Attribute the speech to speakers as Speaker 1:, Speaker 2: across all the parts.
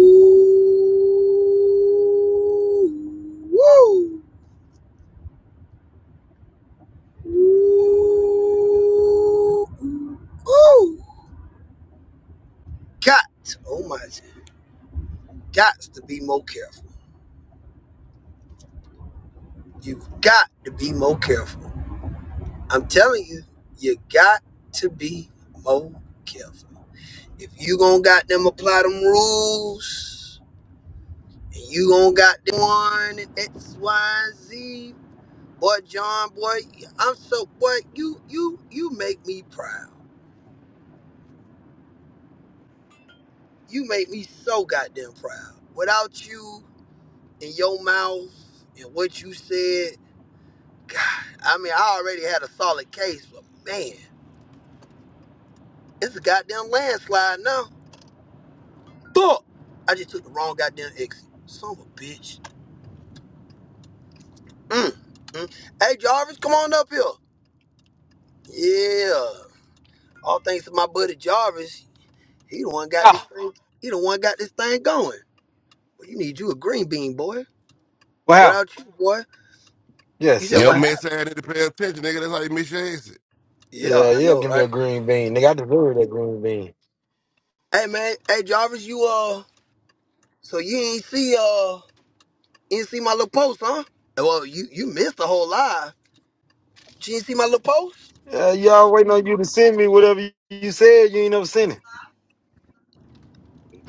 Speaker 1: Woo! Woo! Woo! Got, oh my, got to be more careful. You've got to be more careful. I'm telling you, you got to be more careful. If you gonna got them apply them rules, and you gonna got them one and X, Y, and Z, boy, John, boy, I'm so, boy, you, you, you make me proud. you make me so goddamn proud. Without you and your mouth and what you said, God, I mean, I already had a solid case, but man, it's a goddamn landslide now. Fuck! I just took the wrong goddamn exit. Son of a bitch. Mm, mm. Hey, Jarvis, come on up here. Yeah. All thanks to my buddy Jarvis. He the one got
Speaker 2: Yeah.
Speaker 1: this thing. He the one got this thing going. Well, you need you a green bean, boy.
Speaker 2: Wow.
Speaker 1: Without you, boy,
Speaker 2: Yes,
Speaker 1: you said
Speaker 3: Yo,
Speaker 1: what
Speaker 2: sir.
Speaker 3: mess
Speaker 1: happened?
Speaker 3: ass need to pay attention, nigga. That's how you miss your exit.
Speaker 1: Yeah,
Speaker 2: Yeah,
Speaker 1: I
Speaker 2: yeah.
Speaker 1: know,
Speaker 2: Give me
Speaker 1: right?
Speaker 2: a green bean, nigga. I deserve that green bean.
Speaker 1: Hey man, hey Jarvis, you uh, so you ain't see uh, you ain't see my little post, huh? Well, you you missed the whole live. You ain't see my little post?
Speaker 2: Uh, y'all waiting on you to send me whatever you, you said. You ain't never sent it.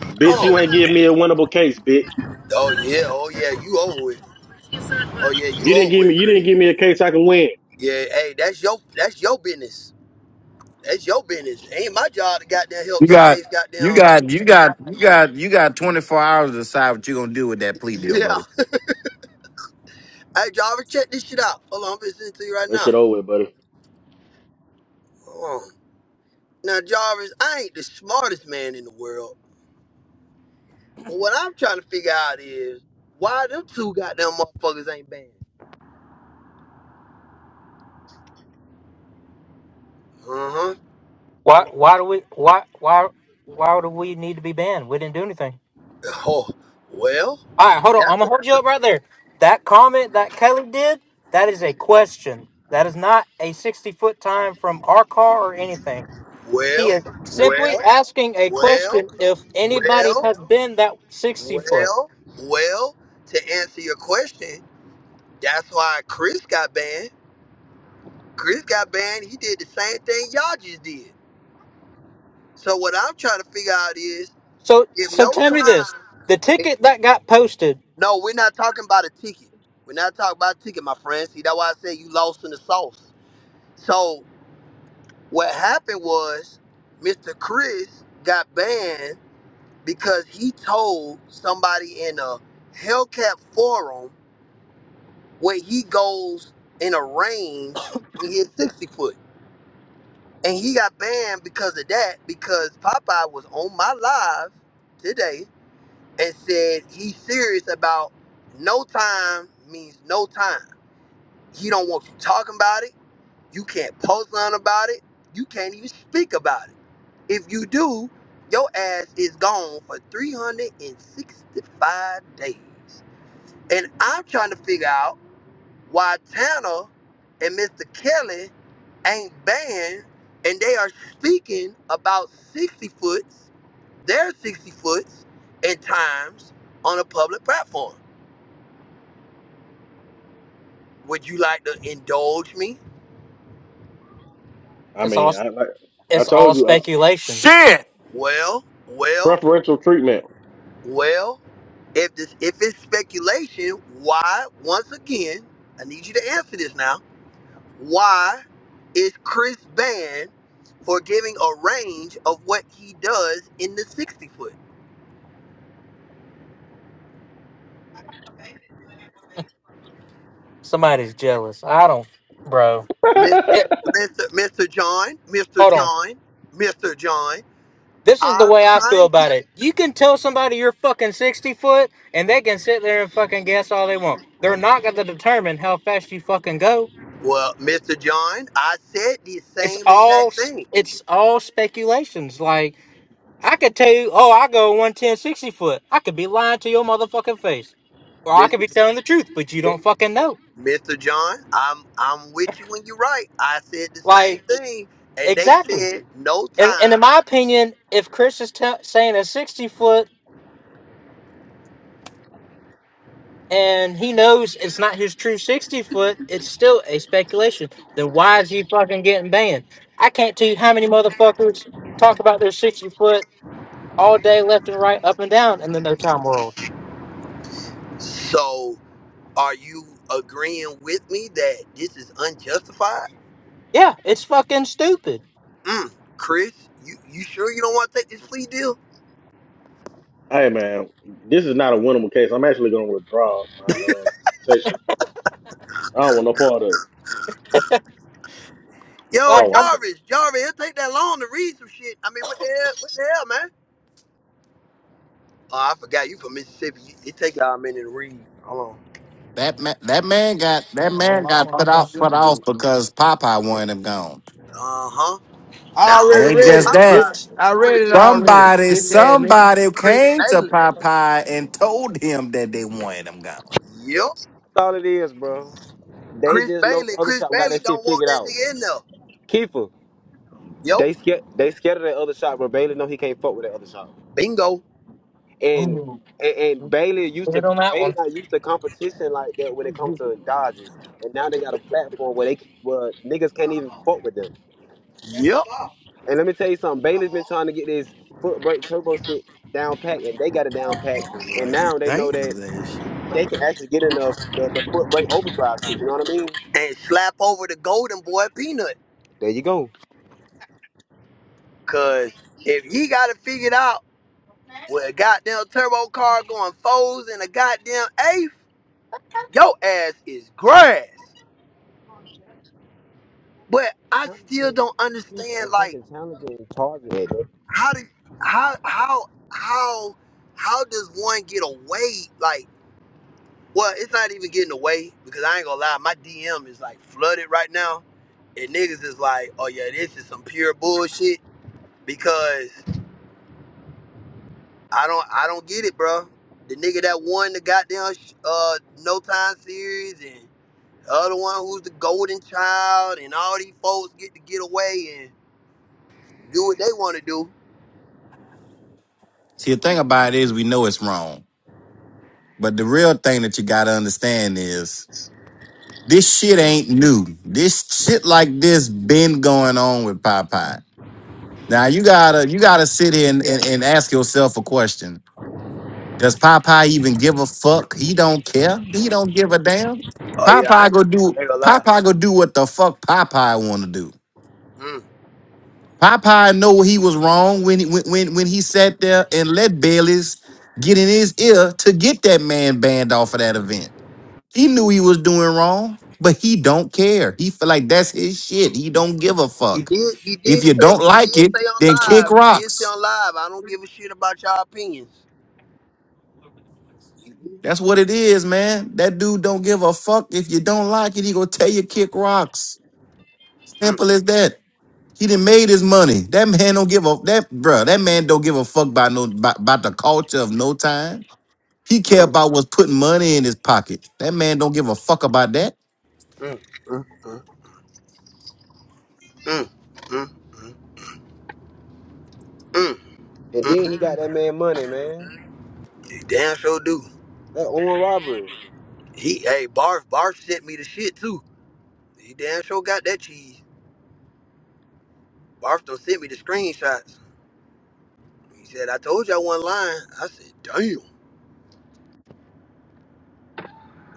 Speaker 4: Bitch, you
Speaker 1: Oh,
Speaker 4: ain't give me a winnable case, bitch.
Speaker 1: oh yeah, oh yeah, you owe it.
Speaker 5: Yes, I was.
Speaker 1: Oh yeah, you
Speaker 4: You didn't
Speaker 1: owe
Speaker 4: give me.
Speaker 1: it,
Speaker 4: You
Speaker 1: Chris.
Speaker 4: didn't give me a case I can win.
Speaker 1: Yeah, hey, that's your that's your business. That's your business. ain't my job to goddamn help
Speaker 6: You
Speaker 1: your
Speaker 6: got
Speaker 1: case,
Speaker 6: you
Speaker 1: goddamn.
Speaker 6: got you got you got you got 24 hours to decide what you're gonna do with that plea deal,
Speaker 1: Yeah.
Speaker 6: buddy.
Speaker 1: Hey Jarvis, check this shit out. Hold on, I'm listening to you right
Speaker 4: That
Speaker 1: now.
Speaker 4: shit over, with, buddy.
Speaker 1: Hold on. Now Jarvis, I ain't the smartest man in the world. But what I'm trying to figure out is why them two goddamn motherfuckers ain't banned. Uh huh.
Speaker 7: Why?
Speaker 1: Yeah.
Speaker 7: Why do we? Why? Why? Why do we need to be banned? We didn't do anything.
Speaker 1: Oh, well,
Speaker 7: All right, hold on. I'm
Speaker 1: that's
Speaker 7: gonna
Speaker 1: a
Speaker 7: hold you up right there. That comment that Kelly did, that is a question. That is not a 60 foot time from our car or anything. He
Speaker 1: well,
Speaker 7: is simply
Speaker 1: well,
Speaker 7: asking a
Speaker 1: well,
Speaker 7: question if anybody
Speaker 1: well,
Speaker 7: has been that 60 foot.
Speaker 1: well, well. To answer your question, that's why Chris got banned. Chris got banned. He did the same thing y'all just did. So what I'm trying to figure out is
Speaker 7: So,
Speaker 1: if
Speaker 7: so
Speaker 1: no
Speaker 7: tell me this:
Speaker 1: time.
Speaker 7: the ticket that got posted,
Speaker 1: No, we're not talking about a ticket. We're not talking about a ticket, my friend. See, that's why I said you lost in the sauce. So what happened was Mr. Chris got banned because he told somebody in a Hellcat forum where he goes in a range and he hit 60 foot. And he got banned because of that because Popeye was on my live today and said he's serious about no time means no time. He don't want you talking about it. You can't post on about it. You can't even speak about it. If you do, your ass is gone for 365 days. And I'm trying to figure out why Tanner and Mr. Kelly ain't banned and they are speaking about 60 foots, their 60 foots, and times on a public platform. Would you like to indulge me?
Speaker 4: I
Speaker 7: it's
Speaker 4: mean,
Speaker 7: all,
Speaker 4: I like, I
Speaker 7: it's
Speaker 4: told
Speaker 7: all
Speaker 4: you uh,
Speaker 7: speculation.
Speaker 6: Shit.
Speaker 1: Well, well,
Speaker 4: preferential treatment.
Speaker 1: well, if this if it's speculation, why once again, I need you to answer this now Why is Chris banned for giving a range of what he does in the 60 foot?
Speaker 7: Somebody's jealous. I don't, bro.
Speaker 1: Miss-
Speaker 7: It,
Speaker 1: Mr. Mr. John, Mr.
Speaker 7: hold on.
Speaker 1: John, Mr. John,
Speaker 7: This is the
Speaker 1: I'm
Speaker 7: way I feel
Speaker 1: trying to.
Speaker 7: about it. You can tell somebody you're fucking 60 foot and they can sit there and fucking guess all they want. They're not going to determine how fast you fucking go.
Speaker 1: Well, Mr. John, I said the
Speaker 7: It's
Speaker 1: same
Speaker 7: all
Speaker 1: exact thing.
Speaker 7: it's all speculations. Like I could tell you, oh, I go one ten sixty foot. I could be lying to your motherfucking face. Or I could
Speaker 1: Mr.
Speaker 7: be telling the truth, but you don't fucking know.
Speaker 1: Mr. John, I'm I'm with you when you're right. I said the same
Speaker 7: Like
Speaker 1: thing, and they
Speaker 7: exactly.
Speaker 1: said no
Speaker 7: And and in
Speaker 1: time.
Speaker 7: my opinion, if Chris is t- saying a 60 foot and he knows it's not his true 60 foot, it's still a speculation. Then why is he fucking getting banned? I can't tell you how many motherfuckers talk about their 60 foot all day, left and right, up and down in the no time world.
Speaker 1: So, are you agreeing with me that this is unjustified?
Speaker 7: Yeah, it's fucking stupid.
Speaker 1: Mm, Chris, you, you sure you don't want to take this plea deal?
Speaker 4: Hey, man, this is not a winnable case. I'm actually gonna withdraw my uh, case. I don't want no part of it. I
Speaker 1: Yo,
Speaker 4: don't
Speaker 7: Like,
Speaker 4: want no
Speaker 7: I'm
Speaker 4: part.
Speaker 1: Jarvis, Jarvis, it'll take that long to read some shit. I mean, what the hell? What the hell, man? Oh, I forgot you from Mississippi. You- It take y'all a minute to read. Hold
Speaker 6: That man, that man got that
Speaker 8: Whole
Speaker 6: man
Speaker 8: lot
Speaker 6: got
Speaker 8: from
Speaker 6: put off put
Speaker 8: Mississippi
Speaker 6: off
Speaker 8: Duke.
Speaker 6: because Popeye wanted him gone.
Speaker 1: on. Uh huh.
Speaker 2: I
Speaker 1: Not
Speaker 6: It
Speaker 1: only
Speaker 2: already
Speaker 6: ain't
Speaker 1: did
Speaker 2: read
Speaker 6: just
Speaker 2: it,
Speaker 6: that.
Speaker 1: Popeye,
Speaker 2: bitch. I read
Speaker 1: Chris,
Speaker 2: it already,
Speaker 6: Somebody
Speaker 2: bitch ass nigga.
Speaker 6: somebody
Speaker 1: Chris
Speaker 6: came to
Speaker 1: Bailey.
Speaker 6: Popeye and told him that they wanted him gone.
Speaker 1: Yep.
Speaker 9: all it is, bro. They
Speaker 1: Chris
Speaker 9: just know
Speaker 1: Bailey.
Speaker 9: the other
Speaker 1: Chris
Speaker 9: shop got
Speaker 1: Bailey
Speaker 9: that shit
Speaker 1: don't want
Speaker 9: figured
Speaker 1: that
Speaker 9: out.
Speaker 1: nigga in there.
Speaker 9: Kiefer,
Speaker 1: Yep.
Speaker 9: they scared they scared of that other shop, but Bailey know he can't fuck with that other shop.
Speaker 1: Bingo.
Speaker 9: And
Speaker 7: Ooh,
Speaker 9: and, and Bailey used to
Speaker 7: hit on that
Speaker 9: Bailey
Speaker 7: one.
Speaker 9: not used to competition like that when it comes to Dodges. And now they got a platform where they where niggas can't even fuck with them.
Speaker 1: Yep.
Speaker 9: And let me tell you something, Bailey's been trying to get this foot brake turbo shit down pack and they got it down pack.
Speaker 2: Motherfucker look
Speaker 9: And
Speaker 2: like some
Speaker 9: now they know that
Speaker 2: dangerous ass shit.
Speaker 9: they can actually get in the, the, the foot brake overdrive shit, you know what I mean?
Speaker 1: And slap over the golden boy peanut.
Speaker 9: There you go.
Speaker 1: Cause if he got it figured out. with a goddamn turbo car going fours and a goddamn eighth, your ass is grass. But I still don't
Speaker 9: He for a
Speaker 1: understand like
Speaker 9: fucking challenge and charge it.
Speaker 1: how did how how how how does one get away like well it's not even getting away because I ain't gonna lie, my DM is like flooded right now and niggas is like, oh yeah, this is some pure bullshit because I don't I don't get it, bro. The nigga that won the goddamn uh No Time series and. The other one who's the golden child, and all these folks get to get away and do what they want to do.
Speaker 6: See the thing about it is we know it's wrong. But the real thing that you gotta understand is This shit ain't new. This shit like this been going on with Popeye. Now you gotta you gotta sit here and, and, and ask yourself a question. Does Popeye even give a fuck? He don't care. He don't give a damn.
Speaker 1: Oh yeah, I
Speaker 6: Popeye
Speaker 1: ain't,
Speaker 6: go
Speaker 1: I
Speaker 6: do
Speaker 1: ain't gonna lie.
Speaker 6: Popeye go do what the fuck Popeye wanna do.
Speaker 1: Mm.
Speaker 6: Popeye know he was wrong when he when when, when he sat there and let Bailey's get in his ear to get that man banned off of that event. He knew he was doing wrong, but he don't care. He feel like that's his shit. He don't give a
Speaker 1: He
Speaker 6: fuck.
Speaker 1: did. He
Speaker 6: If
Speaker 1: did
Speaker 6: you
Speaker 1: say.
Speaker 6: don't
Speaker 1: He did
Speaker 6: like it,
Speaker 1: say on
Speaker 6: then kick
Speaker 1: live. He did say
Speaker 6: rocks.
Speaker 1: on live. I don't give a shit about y'all opinions. Mm,
Speaker 6: That's what it is, man. That dude don't give a fuck. If you don't like it, he gonna tell you kick rocks.
Speaker 1: mm,
Speaker 6: Simple as that. He done made his money. That man don't give a that bruh, That man don't give a fuck about no about, about the culture of no time. He care
Speaker 1: mm,
Speaker 6: about what's putting money in his pocket. That man don't give a fuck about that.
Speaker 1: mm, mm, mm, mm, mm, mm,
Speaker 9: And then
Speaker 1: mm.
Speaker 9: he got that man money, man.
Speaker 1: He damn sure do.
Speaker 9: That on robbery.
Speaker 1: He hey Barf Barf sent me the shit too. He damn sure got that cheese. Barf done sent me the screenshots. He said I told you I wasn't lying. I said damn.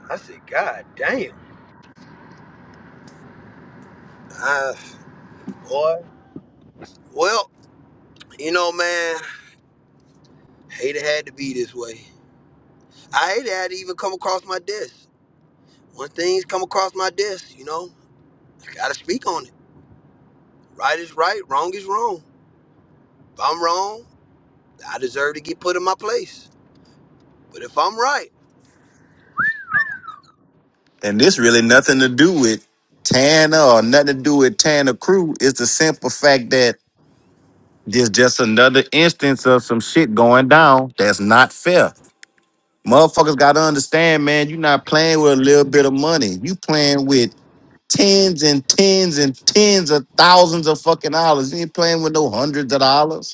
Speaker 1: I said, God damn, I, boy. well, you know, man, hate it had to be this way. I hate it had to even come across my desk. When things come across my desk, you know, you gotta speak on it. Right is right, wrong is wrong. If I'm wrong, I deserve to get put in my place. But if I'm right,
Speaker 6: And this really nothing to do with Tana or nothing to do with Tana Crew. It's the simple fact that there's just another instance of some shit going down that's not fair. Motherfuckers gotta understand, man, you're not playing with a little bit of money. You playing with tens and tens and tens of thousands of fucking dollars. You ain't playing with no hundreds of dollars.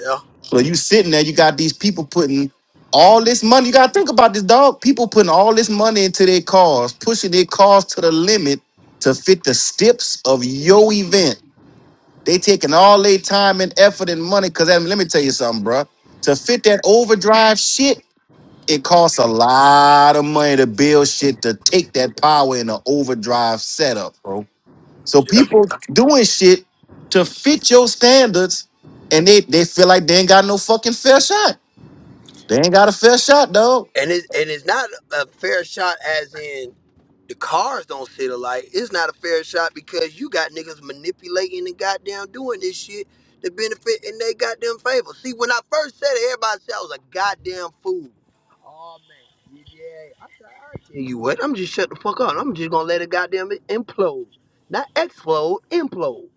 Speaker 1: yeah,
Speaker 6: So you sitting there, you got these people putting all this money. You gotta think about this, dog. People putting all this money into their cars, pushing their cars to the limit to fit the steps of your event. They taking all their time and effort and money. Cause I mean, let me tell you something, bruh. To fit that overdrive shit, it costs a lot of money to build shit to take that power in an overdrive setup, bro. So
Speaker 1: yeah.
Speaker 6: people doing shit to fit your standards, and they, they feel like they ain't got no fucking fair shot. They ain't got a fair shot, dog.
Speaker 1: and it and it's not a fair shot, as in. The cars don't sit alike. It's not a fair shot because you got niggas manipulating and goddamn doing this shit to benefit in they goddamn favor. See, when I first said it, everybody said I was a goddamn fool. I tell you what, I'm just shut the fuck up. I'm just gonna let it goddamn implode. Not explode, implode.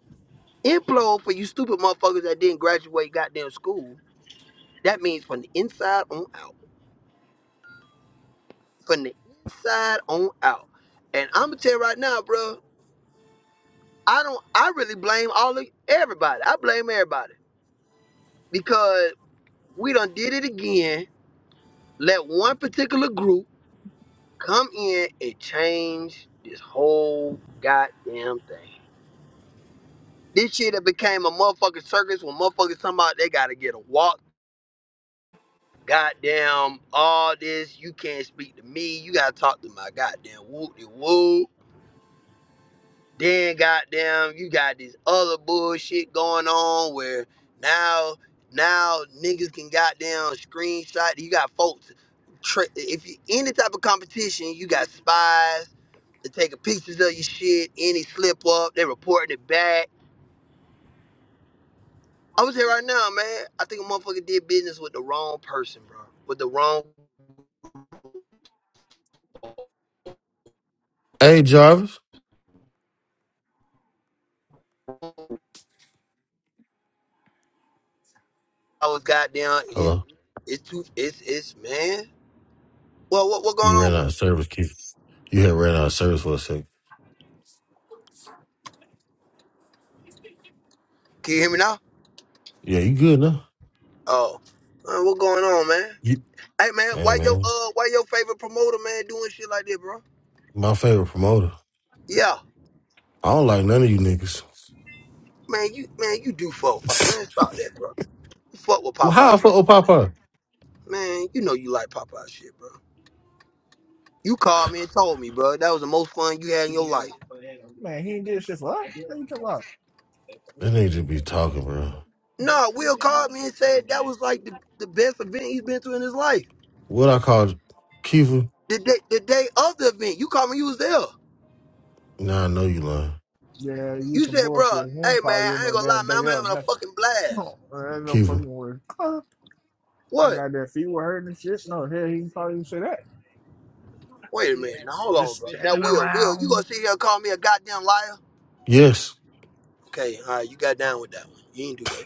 Speaker 1: Implode for you stupid motherfuckers that didn't graduate goddamn school. That means from the inside on out. From the inside on out. And I'ma tell you right now, bro. I don't I really blame all of everybody. I blame everybody. because we done did it again. Let one particular group come in and change this whole goddamn thing. This shit that became a motherfucking circus when motherfuckers talking about they gotta get a walk. Goddamn, all this, you can't speak to me, you gotta talk to my goddamn woo de woo. Then goddamn, you got this other bullshit going on where now now niggas can goddamn screenshot. You got folks. Tra- if you any type of competition, you got spies that taking pictures of your shit. Any slip up, they reporting it back. I was here right now, man. I think a motherfucker did business with the wrong person, bro. With the wrong,
Speaker 10: Hey Jarvis.
Speaker 1: I was goddamn. It's
Speaker 10: Hello.
Speaker 1: it's too it's it's man. Well, what what going
Speaker 10: You
Speaker 1: on?
Speaker 10: ran out of service, Keith. You had ran out of service for a second.
Speaker 1: Can you hear me now?
Speaker 10: Yeah, you good now.
Speaker 1: Oh, uh, what going on, man?
Speaker 10: You-
Speaker 1: Hey man,
Speaker 10: hey
Speaker 1: why your
Speaker 10: man.
Speaker 1: uh why your favorite promoter man doing shit like that, bro?
Speaker 10: My favorite promoter.
Speaker 1: Yeah.
Speaker 10: I don't like none of you niggas.
Speaker 1: Man, you man, you do fuck with Popeye. Man, stop that, bro. You fuck with
Speaker 10: well, how I
Speaker 1: Popeye, bro.
Speaker 10: fuck with
Speaker 1: Stop that.
Speaker 10: Papa?
Speaker 1: Man, you know you like Popeye shit, bro. You called me and told me, bro, that was the most fun you had in your life.
Speaker 8: Man, he ain't did shit for us. What are you talking about?
Speaker 10: That nigga just be talking, bro.
Speaker 1: Nah, Will called me and said that was like the, the best event he's been to in his life.
Speaker 10: What I call Kiefer?
Speaker 1: The day the day of the event, you called me, you was there.
Speaker 10: Nah, I know you lying.
Speaker 8: Yeah, you
Speaker 1: You
Speaker 8: some
Speaker 1: said, bro,
Speaker 8: bullshit. He
Speaker 1: hey
Speaker 8: ain't probably
Speaker 1: man,
Speaker 8: you
Speaker 1: I
Speaker 8: no
Speaker 1: ain't gonna lie,
Speaker 8: damn
Speaker 1: man,
Speaker 8: day
Speaker 1: I'm
Speaker 8: up.
Speaker 1: having a
Speaker 8: Nothing.
Speaker 1: fucking blast.
Speaker 8: Oh, that's no
Speaker 10: Kiefer.
Speaker 8: fucking word. Uh, I
Speaker 1: What?
Speaker 8: got that feet were hurting and shit. No, hell, he probably didn't say that.
Speaker 1: Wait a
Speaker 8: Yeah.
Speaker 1: minute, now hold
Speaker 8: Just
Speaker 1: on, bro. Now
Speaker 8: standing
Speaker 1: Will, Will, you gonna
Speaker 8: around.
Speaker 1: sit here and call me a goddamn liar?
Speaker 10: Yes.
Speaker 1: Okay, all right, you got down with that one. You ain't do that.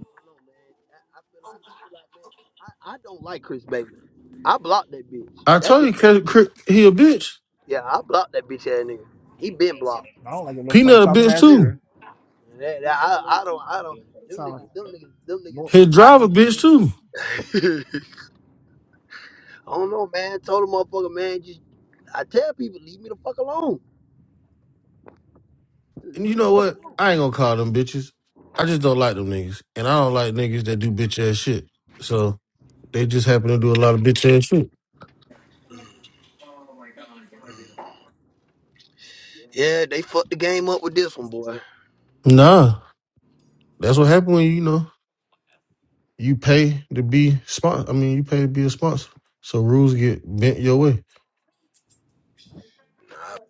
Speaker 1: I don't know, man. I, I feel like I feel like man, I, I don't like Chris Bailey. I blocked that bitch.
Speaker 10: I
Speaker 1: That
Speaker 10: told
Speaker 1: bitch.
Speaker 10: you Cri- Cri- he a bitch.
Speaker 1: Yeah, I blocked that bitch ass nigga. He been blocked.
Speaker 8: I don't like a little fun
Speaker 10: Peanut a
Speaker 8: talking
Speaker 10: bitch
Speaker 8: ass
Speaker 10: too.
Speaker 8: either.
Speaker 1: that- that- I, I don't I don't them
Speaker 8: Sound like
Speaker 1: niggas them
Speaker 8: a
Speaker 1: niggas them
Speaker 8: most.
Speaker 10: His
Speaker 1: niggas.
Speaker 8: most,
Speaker 1: I,
Speaker 10: driver
Speaker 8: most,
Speaker 10: bitch
Speaker 8: most.
Speaker 10: too.
Speaker 1: I don't know, man. Told the motherfucker, man. Just I tell people, leave me the fuck alone.
Speaker 10: And
Speaker 1: Leave
Speaker 10: you
Speaker 1: me the
Speaker 10: know
Speaker 1: fuck
Speaker 10: what?
Speaker 1: alone.
Speaker 10: I ain't gonna call them bitches. I just don't like them niggas. And I don't like niggas that do bitch ass shit. So They just happen to do a lot of bitch ass shit.
Speaker 1: Mm-mm. Yeah, they fucked the game up with this one, boy.
Speaker 10: Nah. That's what happened when you you know you pay to be sponsor. I mean, you pay to be a sponsor, so rules get bent your way.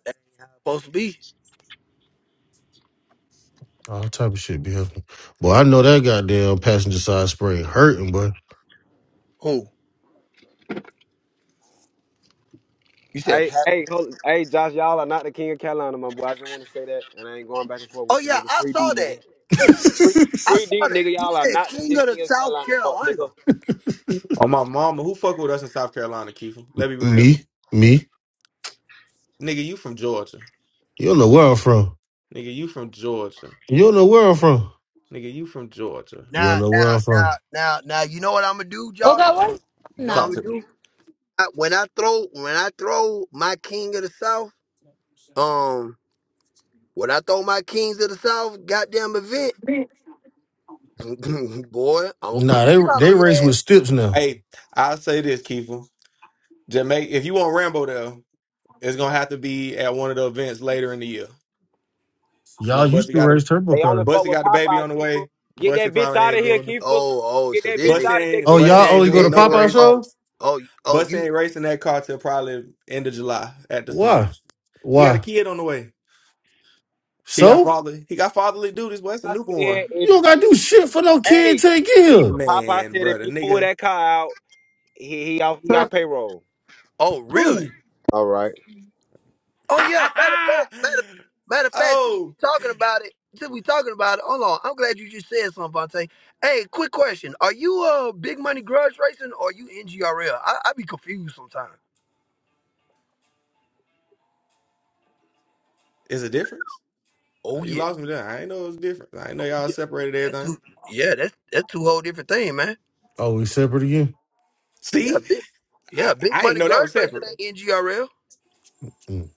Speaker 1: That ain't how it's supposed to be.
Speaker 10: All type of shit be happening. Boy, I know that goddamn passenger side spray hurting, boy.
Speaker 1: Who? You said
Speaker 9: Hey,
Speaker 1: Pat?
Speaker 9: hey, hold, hey, Josh, y'all are not the king of Carolina, my boy. I just want to say that, and I ain't going back and forth
Speaker 1: Oh
Speaker 9: with you,
Speaker 1: yeah,
Speaker 9: nigga.
Speaker 1: I
Speaker 9: Free D,
Speaker 1: saw
Speaker 9: nigga.
Speaker 1: that.
Speaker 9: Free,
Speaker 1: I
Speaker 9: free D,
Speaker 1: saw that.
Speaker 9: nigga.
Speaker 1: He
Speaker 9: Y'all are
Speaker 1: said
Speaker 9: not the,
Speaker 1: King
Speaker 9: the
Speaker 1: of the
Speaker 9: king of
Speaker 1: South
Speaker 9: Carolina, fuck,
Speaker 1: Carolina.
Speaker 9: nigga.
Speaker 11: On my mama, who fuck with us in South Carolina, Keefer? Let me be real.
Speaker 10: Me, me.
Speaker 11: Nigga, you from Georgia.
Speaker 10: You don't know where I'm from.
Speaker 11: Nigga, you from Georgia.
Speaker 10: You don't know where I'm from.
Speaker 11: Nigga, you from Georgia.
Speaker 10: You
Speaker 1: Now,
Speaker 10: don't know where
Speaker 1: now,
Speaker 10: I'm
Speaker 1: now,
Speaker 10: from.
Speaker 1: now, now. You know what I'm gonna do,
Speaker 12: Oh God,
Speaker 1: Josh?
Speaker 12: what is
Speaker 1: You know what I'm
Speaker 11: Talk
Speaker 12: now?
Speaker 1: gonna
Speaker 11: to me.
Speaker 1: do? I, when I throw, when I throw my King of the South, um, when I throw my Kings of the South, goddamn event, boy, I'm gonna put
Speaker 10: Nah,
Speaker 1: a
Speaker 10: they
Speaker 1: hit out
Speaker 10: they
Speaker 1: on your
Speaker 10: race
Speaker 1: ass.
Speaker 10: with Stips now.
Speaker 11: Hey, I'll say this, Keefer. Jamaica, if you want Rambo though, it's gonna have to be at one of the events later in the year. You know,
Speaker 10: Y'all used
Speaker 11: Bussy
Speaker 10: to
Speaker 11: got a
Speaker 10: race turbo
Speaker 9: They only
Speaker 10: cars.
Speaker 9: fuck
Speaker 11: Bussy
Speaker 9: with
Speaker 11: got the baby
Speaker 9: Popeye,
Speaker 11: on the
Speaker 9: Keeper.
Speaker 11: way.
Speaker 9: Get
Speaker 11: Bussy
Speaker 9: that bitch
Speaker 11: probably
Speaker 9: out
Speaker 11: ain't
Speaker 9: of here,
Speaker 11: doing
Speaker 9: Keeper.
Speaker 1: Oh, oh,
Speaker 9: Get
Speaker 1: so
Speaker 9: that
Speaker 1: this
Speaker 9: bitch
Speaker 11: Bussy
Speaker 1: nigga,
Speaker 9: out of here,
Speaker 11: ain't
Speaker 10: Oh,
Speaker 9: Keeper.
Speaker 11: Bussy
Speaker 1: oh,
Speaker 10: y'all
Speaker 1: so
Speaker 11: ain't
Speaker 10: only go
Speaker 11: doing
Speaker 10: to
Speaker 1: this
Speaker 11: no
Speaker 1: nigga,
Speaker 10: Popeye
Speaker 11: racing.
Speaker 1: oh,
Speaker 10: shows?
Speaker 1: oh, oh,
Speaker 11: Bussy
Speaker 1: you,
Speaker 11: ain't racing that car till probably end of July at the
Speaker 10: Why?
Speaker 11: soonest. He got a
Speaker 10: Why?
Speaker 11: kid on the way. He got
Speaker 10: So?
Speaker 11: father. He got fatherly duties. Well, that's a
Speaker 9: I said,
Speaker 11: newborn.
Speaker 10: You
Speaker 9: if
Speaker 10: don't gotta do shit for no kid
Speaker 9: hey,
Speaker 10: till they get here.
Speaker 9: Keeper, Popeye
Speaker 11: Man,
Speaker 9: said if
Speaker 11: brother,
Speaker 9: he pull
Speaker 11: nigga.
Speaker 9: that car out, he he off he off payroll.
Speaker 1: oh, really?
Speaker 11: Who?
Speaker 9: All right.
Speaker 1: Oh yeah, matter of fact, matter, matter of fact, since we
Speaker 11: oh,
Speaker 1: talking about it, since we talking about it, hold on. I'm glad you just said something, Vontae. Hey, quick question: Are you uh big money grudge racing or are you NGRL? I, I be confused sometimes.
Speaker 11: is a difference? Uh,
Speaker 1: Oh
Speaker 11: You
Speaker 1: yeah,
Speaker 11: lost me there. I ain't know it was different. I ain't know
Speaker 1: oh
Speaker 11: y'all
Speaker 1: yeah,
Speaker 11: separated
Speaker 1: that's two.
Speaker 11: everything.
Speaker 1: Yeah, that's that's two whole different thing, man.
Speaker 10: Oh, we separate again.
Speaker 1: Yeah,
Speaker 11: See,
Speaker 1: big.
Speaker 11: I,
Speaker 1: Yeah, big
Speaker 11: I ain't
Speaker 1: money
Speaker 11: know that was
Speaker 1: grudge racing
Speaker 11: separate.
Speaker 1: ain't NGRL.
Speaker 10: Mm.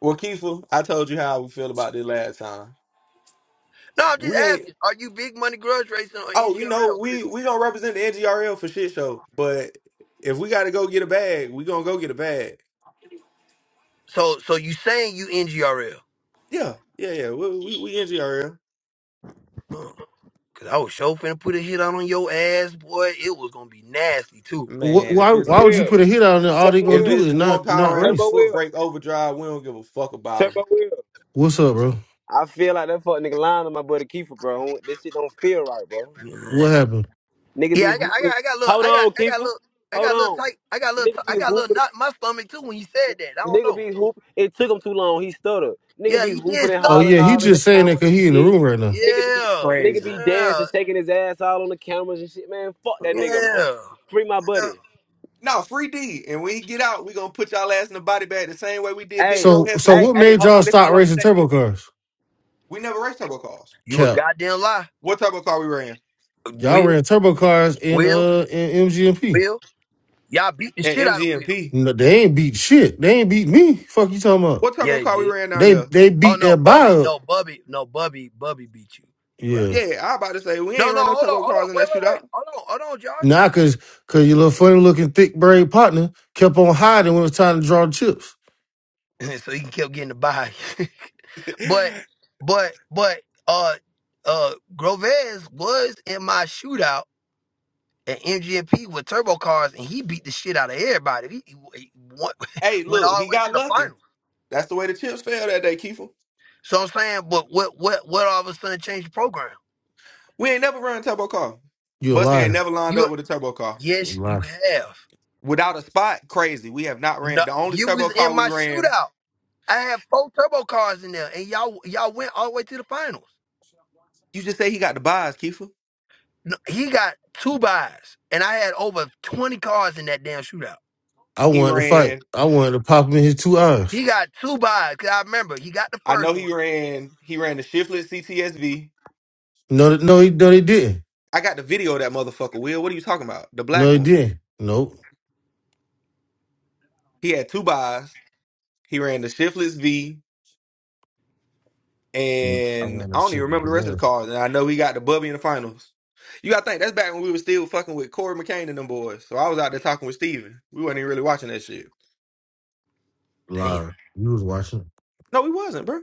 Speaker 11: Well, Kiefer, I told you how we feel about this last time.
Speaker 1: No, I'm just
Speaker 11: We ain't.
Speaker 1: asking: Are you big money grudge racing or
Speaker 11: Oh, you know
Speaker 1: NGRL?
Speaker 11: we we gonna represent the NGRL for shit show. But if we gotta go get a bag, we gonna go get a bag.
Speaker 1: So, so you saying you NGRL?
Speaker 11: Yeah, yeah, yeah. We we, we NGRL.
Speaker 1: Cause I was sure finna put a hit out on your ass, boy. It was gonna be nasty too.
Speaker 10: Wh-
Speaker 11: Man, if
Speaker 10: Why?
Speaker 11: it's
Speaker 10: Why would you
Speaker 9: Will,
Speaker 10: put a hit out on there? All
Speaker 9: tell
Speaker 10: they
Speaker 9: me
Speaker 10: gonna
Speaker 11: If
Speaker 9: Will.
Speaker 10: do
Speaker 11: it's
Speaker 10: is not
Speaker 11: one
Speaker 10: not
Speaker 11: power at a
Speaker 9: Turbo
Speaker 10: race.
Speaker 11: foot
Speaker 9: Will.
Speaker 11: brake overdrive, we don't give a fuck about them.
Speaker 9: Turbo Will.
Speaker 10: What's up, bro?
Speaker 9: I feel like that fuck nigga lying to my buddy Kiefer, bro. This shit don't feel right, bro.
Speaker 10: What happened?
Speaker 9: Nigga
Speaker 1: Yeah,
Speaker 9: be
Speaker 1: I got, I
Speaker 9: hooping.
Speaker 1: got, I got a little,
Speaker 9: Hold
Speaker 1: I got,
Speaker 9: on,
Speaker 1: I got a
Speaker 9: Kiefer.
Speaker 1: little, I
Speaker 9: Hold
Speaker 1: got a
Speaker 9: on.
Speaker 1: little tight, I got a little, t-
Speaker 9: Nigga be
Speaker 1: I got a little
Speaker 9: hooping.
Speaker 1: knot in my stomach too when you said that. I don't
Speaker 9: Nigga
Speaker 1: know.
Speaker 9: be hooping. It took him too long. He stuttered. Nigga
Speaker 1: Yeah,
Speaker 9: be
Speaker 1: you
Speaker 9: hooping
Speaker 1: did
Speaker 9: and
Speaker 10: Oh
Speaker 1: stutter.
Speaker 10: yeah,
Speaker 9: hollering
Speaker 10: he
Speaker 9: all in the
Speaker 10: just saying that
Speaker 9: cameras
Speaker 10: because
Speaker 9: and
Speaker 10: he in the
Speaker 9: shit.
Speaker 10: room right now.
Speaker 9: Nigga be
Speaker 1: Yeah,
Speaker 9: nigga
Speaker 11: Crazy.
Speaker 9: be dancing,
Speaker 1: yeah,
Speaker 9: shaking his ass all on the cameras and shit, man. Fuck that nigga, man.
Speaker 1: yeah.
Speaker 9: Free my
Speaker 1: yeah.
Speaker 9: buddy.
Speaker 11: No, free D. And when he get out, we gonna put y'all ass in the body bag the same way we did Big
Speaker 9: Hey,
Speaker 11: Bro
Speaker 10: So so
Speaker 9: hey,
Speaker 10: what
Speaker 11: Hefe.
Speaker 9: hey,
Speaker 10: made
Speaker 9: hold
Speaker 10: y'all
Speaker 9: on. This all
Speaker 10: stop
Speaker 9: I'm gonna
Speaker 10: racing
Speaker 9: say.
Speaker 10: turbo cars?
Speaker 11: We never raced turbo cars.
Speaker 1: You a
Speaker 10: Cap,
Speaker 1: goddamn lie.
Speaker 11: What turbo car we ran?
Speaker 10: y'all
Speaker 1: Will,
Speaker 10: ran turbo cars in
Speaker 1: Will,
Speaker 10: uh in MGMP.
Speaker 1: Will. Y'all beat the
Speaker 11: At
Speaker 1: shit out of Will.
Speaker 11: MGMP.
Speaker 10: No, they ain't beat shit. They ain't beat me. Fuck you talking about?
Speaker 11: What
Speaker 1: Yeah,
Speaker 11: turbo
Speaker 1: they
Speaker 11: car we
Speaker 1: did.
Speaker 11: ran down
Speaker 10: They
Speaker 11: there?
Speaker 10: they
Speaker 1: Oh
Speaker 10: beat
Speaker 1: no,
Speaker 10: that buy
Speaker 1: Bubby,
Speaker 10: up.
Speaker 1: no Bubby, no Bubby, Bubby beat you. You right.
Speaker 10: Yeah.
Speaker 11: Yeah, I about to say we
Speaker 1: No,
Speaker 11: ain't
Speaker 1: no,
Speaker 11: run no
Speaker 1: hold on,
Speaker 11: turbo
Speaker 1: hold
Speaker 11: cars
Speaker 1: on,
Speaker 11: in
Speaker 1: wait,
Speaker 11: that
Speaker 1: wait, wait.
Speaker 11: shootout.
Speaker 1: Hold on, hold on, Josh.
Speaker 10: Nah,
Speaker 1: Hold on.
Speaker 10: cause cause your little funny looking thick braid partner kept on hiding when it was time to draw the chips.
Speaker 1: so he kept getting the buy. but but but uh uh Groves was in my shootout at MGMP with turbo cars and he beat the shit out of everybody. He, he, he won-
Speaker 11: hey,
Speaker 1: went
Speaker 11: look,
Speaker 1: all the
Speaker 11: he
Speaker 1: way to
Speaker 11: got
Speaker 1: the
Speaker 11: lucky.
Speaker 1: final.
Speaker 11: That's the way the chips fell that day, Kiefer.
Speaker 1: So I'm saying, but what what what all of a sudden changed the program?
Speaker 11: We ain't never run a turbo car.
Speaker 10: You a
Speaker 11: Busty ain't
Speaker 10: liar.
Speaker 11: never lined
Speaker 1: You
Speaker 11: up with a turbo car.
Speaker 10: You a
Speaker 1: yes, you
Speaker 10: liar.
Speaker 1: have.
Speaker 11: Without a spot, crazy. We have not
Speaker 1: No,
Speaker 11: ran the only
Speaker 1: you
Speaker 11: turbo
Speaker 1: was in
Speaker 11: car we
Speaker 1: my
Speaker 11: ran
Speaker 1: shootout. I had four turbo cars in there and y'all y'all went all the way to the finals.
Speaker 11: You just say he got the buys, Kiefer.
Speaker 1: No, he got two buys, and I had over twenty cars in that damn shootout.
Speaker 10: I
Speaker 11: He
Speaker 10: wanted to fight.
Speaker 11: ran.
Speaker 10: I wanted to pop him in his two eyes.
Speaker 1: He got two buys. Cause I remember he got the
Speaker 11: I know
Speaker 1: first
Speaker 11: he
Speaker 1: one.
Speaker 11: ran. He ran the shiftless CTSV.
Speaker 10: No, th- no, he, no, he didn't.
Speaker 11: I got the video of that motherfucker. Will, what are you talking about? The
Speaker 10: No,
Speaker 11: black
Speaker 10: he
Speaker 11: one.
Speaker 10: didn't. Nope.
Speaker 11: He had two buys. He ran the shiftless V,
Speaker 10: Yeah, I
Speaker 11: and
Speaker 10: wanted
Speaker 11: I
Speaker 10: to
Speaker 11: don't even
Speaker 10: sit with
Speaker 11: remember the
Speaker 10: him
Speaker 11: rest of the
Speaker 10: there.
Speaker 11: cars. And I know he got the Bubby in the finals. You gotta think that's back when we were still fucking with Corey McCain and them boys. So I was out there talking with Steven. We wasn't even really watching that shit.
Speaker 1: Damn,
Speaker 10: Liar. You was watching.
Speaker 11: No, we wasn't, bro.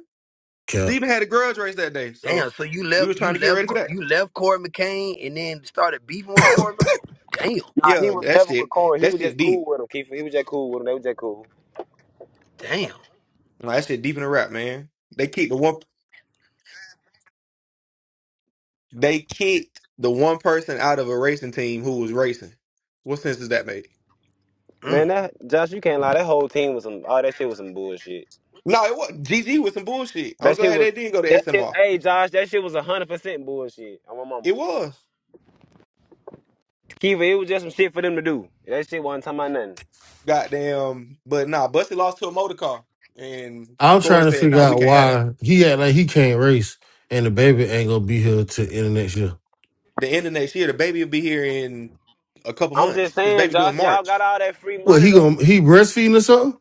Speaker 10: Cap.
Speaker 11: Steven had a grudge race that day, so
Speaker 1: damn. So you
Speaker 11: we
Speaker 1: left,
Speaker 11: was trying
Speaker 1: you
Speaker 11: to get ready
Speaker 1: left,
Speaker 11: for
Speaker 1: Co-
Speaker 11: that.
Speaker 1: you left Corey McCain, and then started beefing with Corey. Mc- Oh, damn,
Speaker 9: Nah, he
Speaker 11: Yeah,
Speaker 9: was
Speaker 11: that
Speaker 9: never with
Speaker 11: shit.
Speaker 9: Corey. He
Speaker 11: That
Speaker 9: was
Speaker 11: shit
Speaker 9: just
Speaker 11: deep.
Speaker 9: cool with him, Kiefer. He was just cool with him. They was just cool.
Speaker 1: damn.
Speaker 11: Nah, that shit deep in the rap, man. They kicked the one. They kicked the one person out of a racing team who was racing. What sense does that make?
Speaker 1: Mm.
Speaker 9: Man, that Josh, you can't lie. That whole team was some. All that shit was some bullshit.
Speaker 11: No, it was GG with some bullshit. I'm
Speaker 9: That shit
Speaker 11: glad
Speaker 9: was.
Speaker 11: they didn't go to
Speaker 9: That shit.
Speaker 11: SMR.
Speaker 9: Hey, Josh, that shit was a hundred percent bullshit. On my mama.
Speaker 11: It was
Speaker 9: Kiva, it was just some shit for them to do. That shit wasn't talking about nothing.
Speaker 11: goddamn, but nah, Bussy lost to a motor car, and
Speaker 10: I'm
Speaker 11: Corey
Speaker 10: trying to
Speaker 11: said,
Speaker 10: figure
Speaker 11: "Nah, we
Speaker 10: out
Speaker 11: can't have that."
Speaker 10: why he act like he can't race, and the baby ain't gonna be here till end of next year.
Speaker 11: The end of next year, the baby will be here in a couple
Speaker 9: I'm just
Speaker 11: months. His
Speaker 9: saying,
Speaker 11: baby due in
Speaker 9: Josh, y'all
Speaker 11: March.
Speaker 9: got all that free
Speaker 10: What
Speaker 9: money
Speaker 10: he
Speaker 9: though.
Speaker 10: gonna he breastfeeding or something?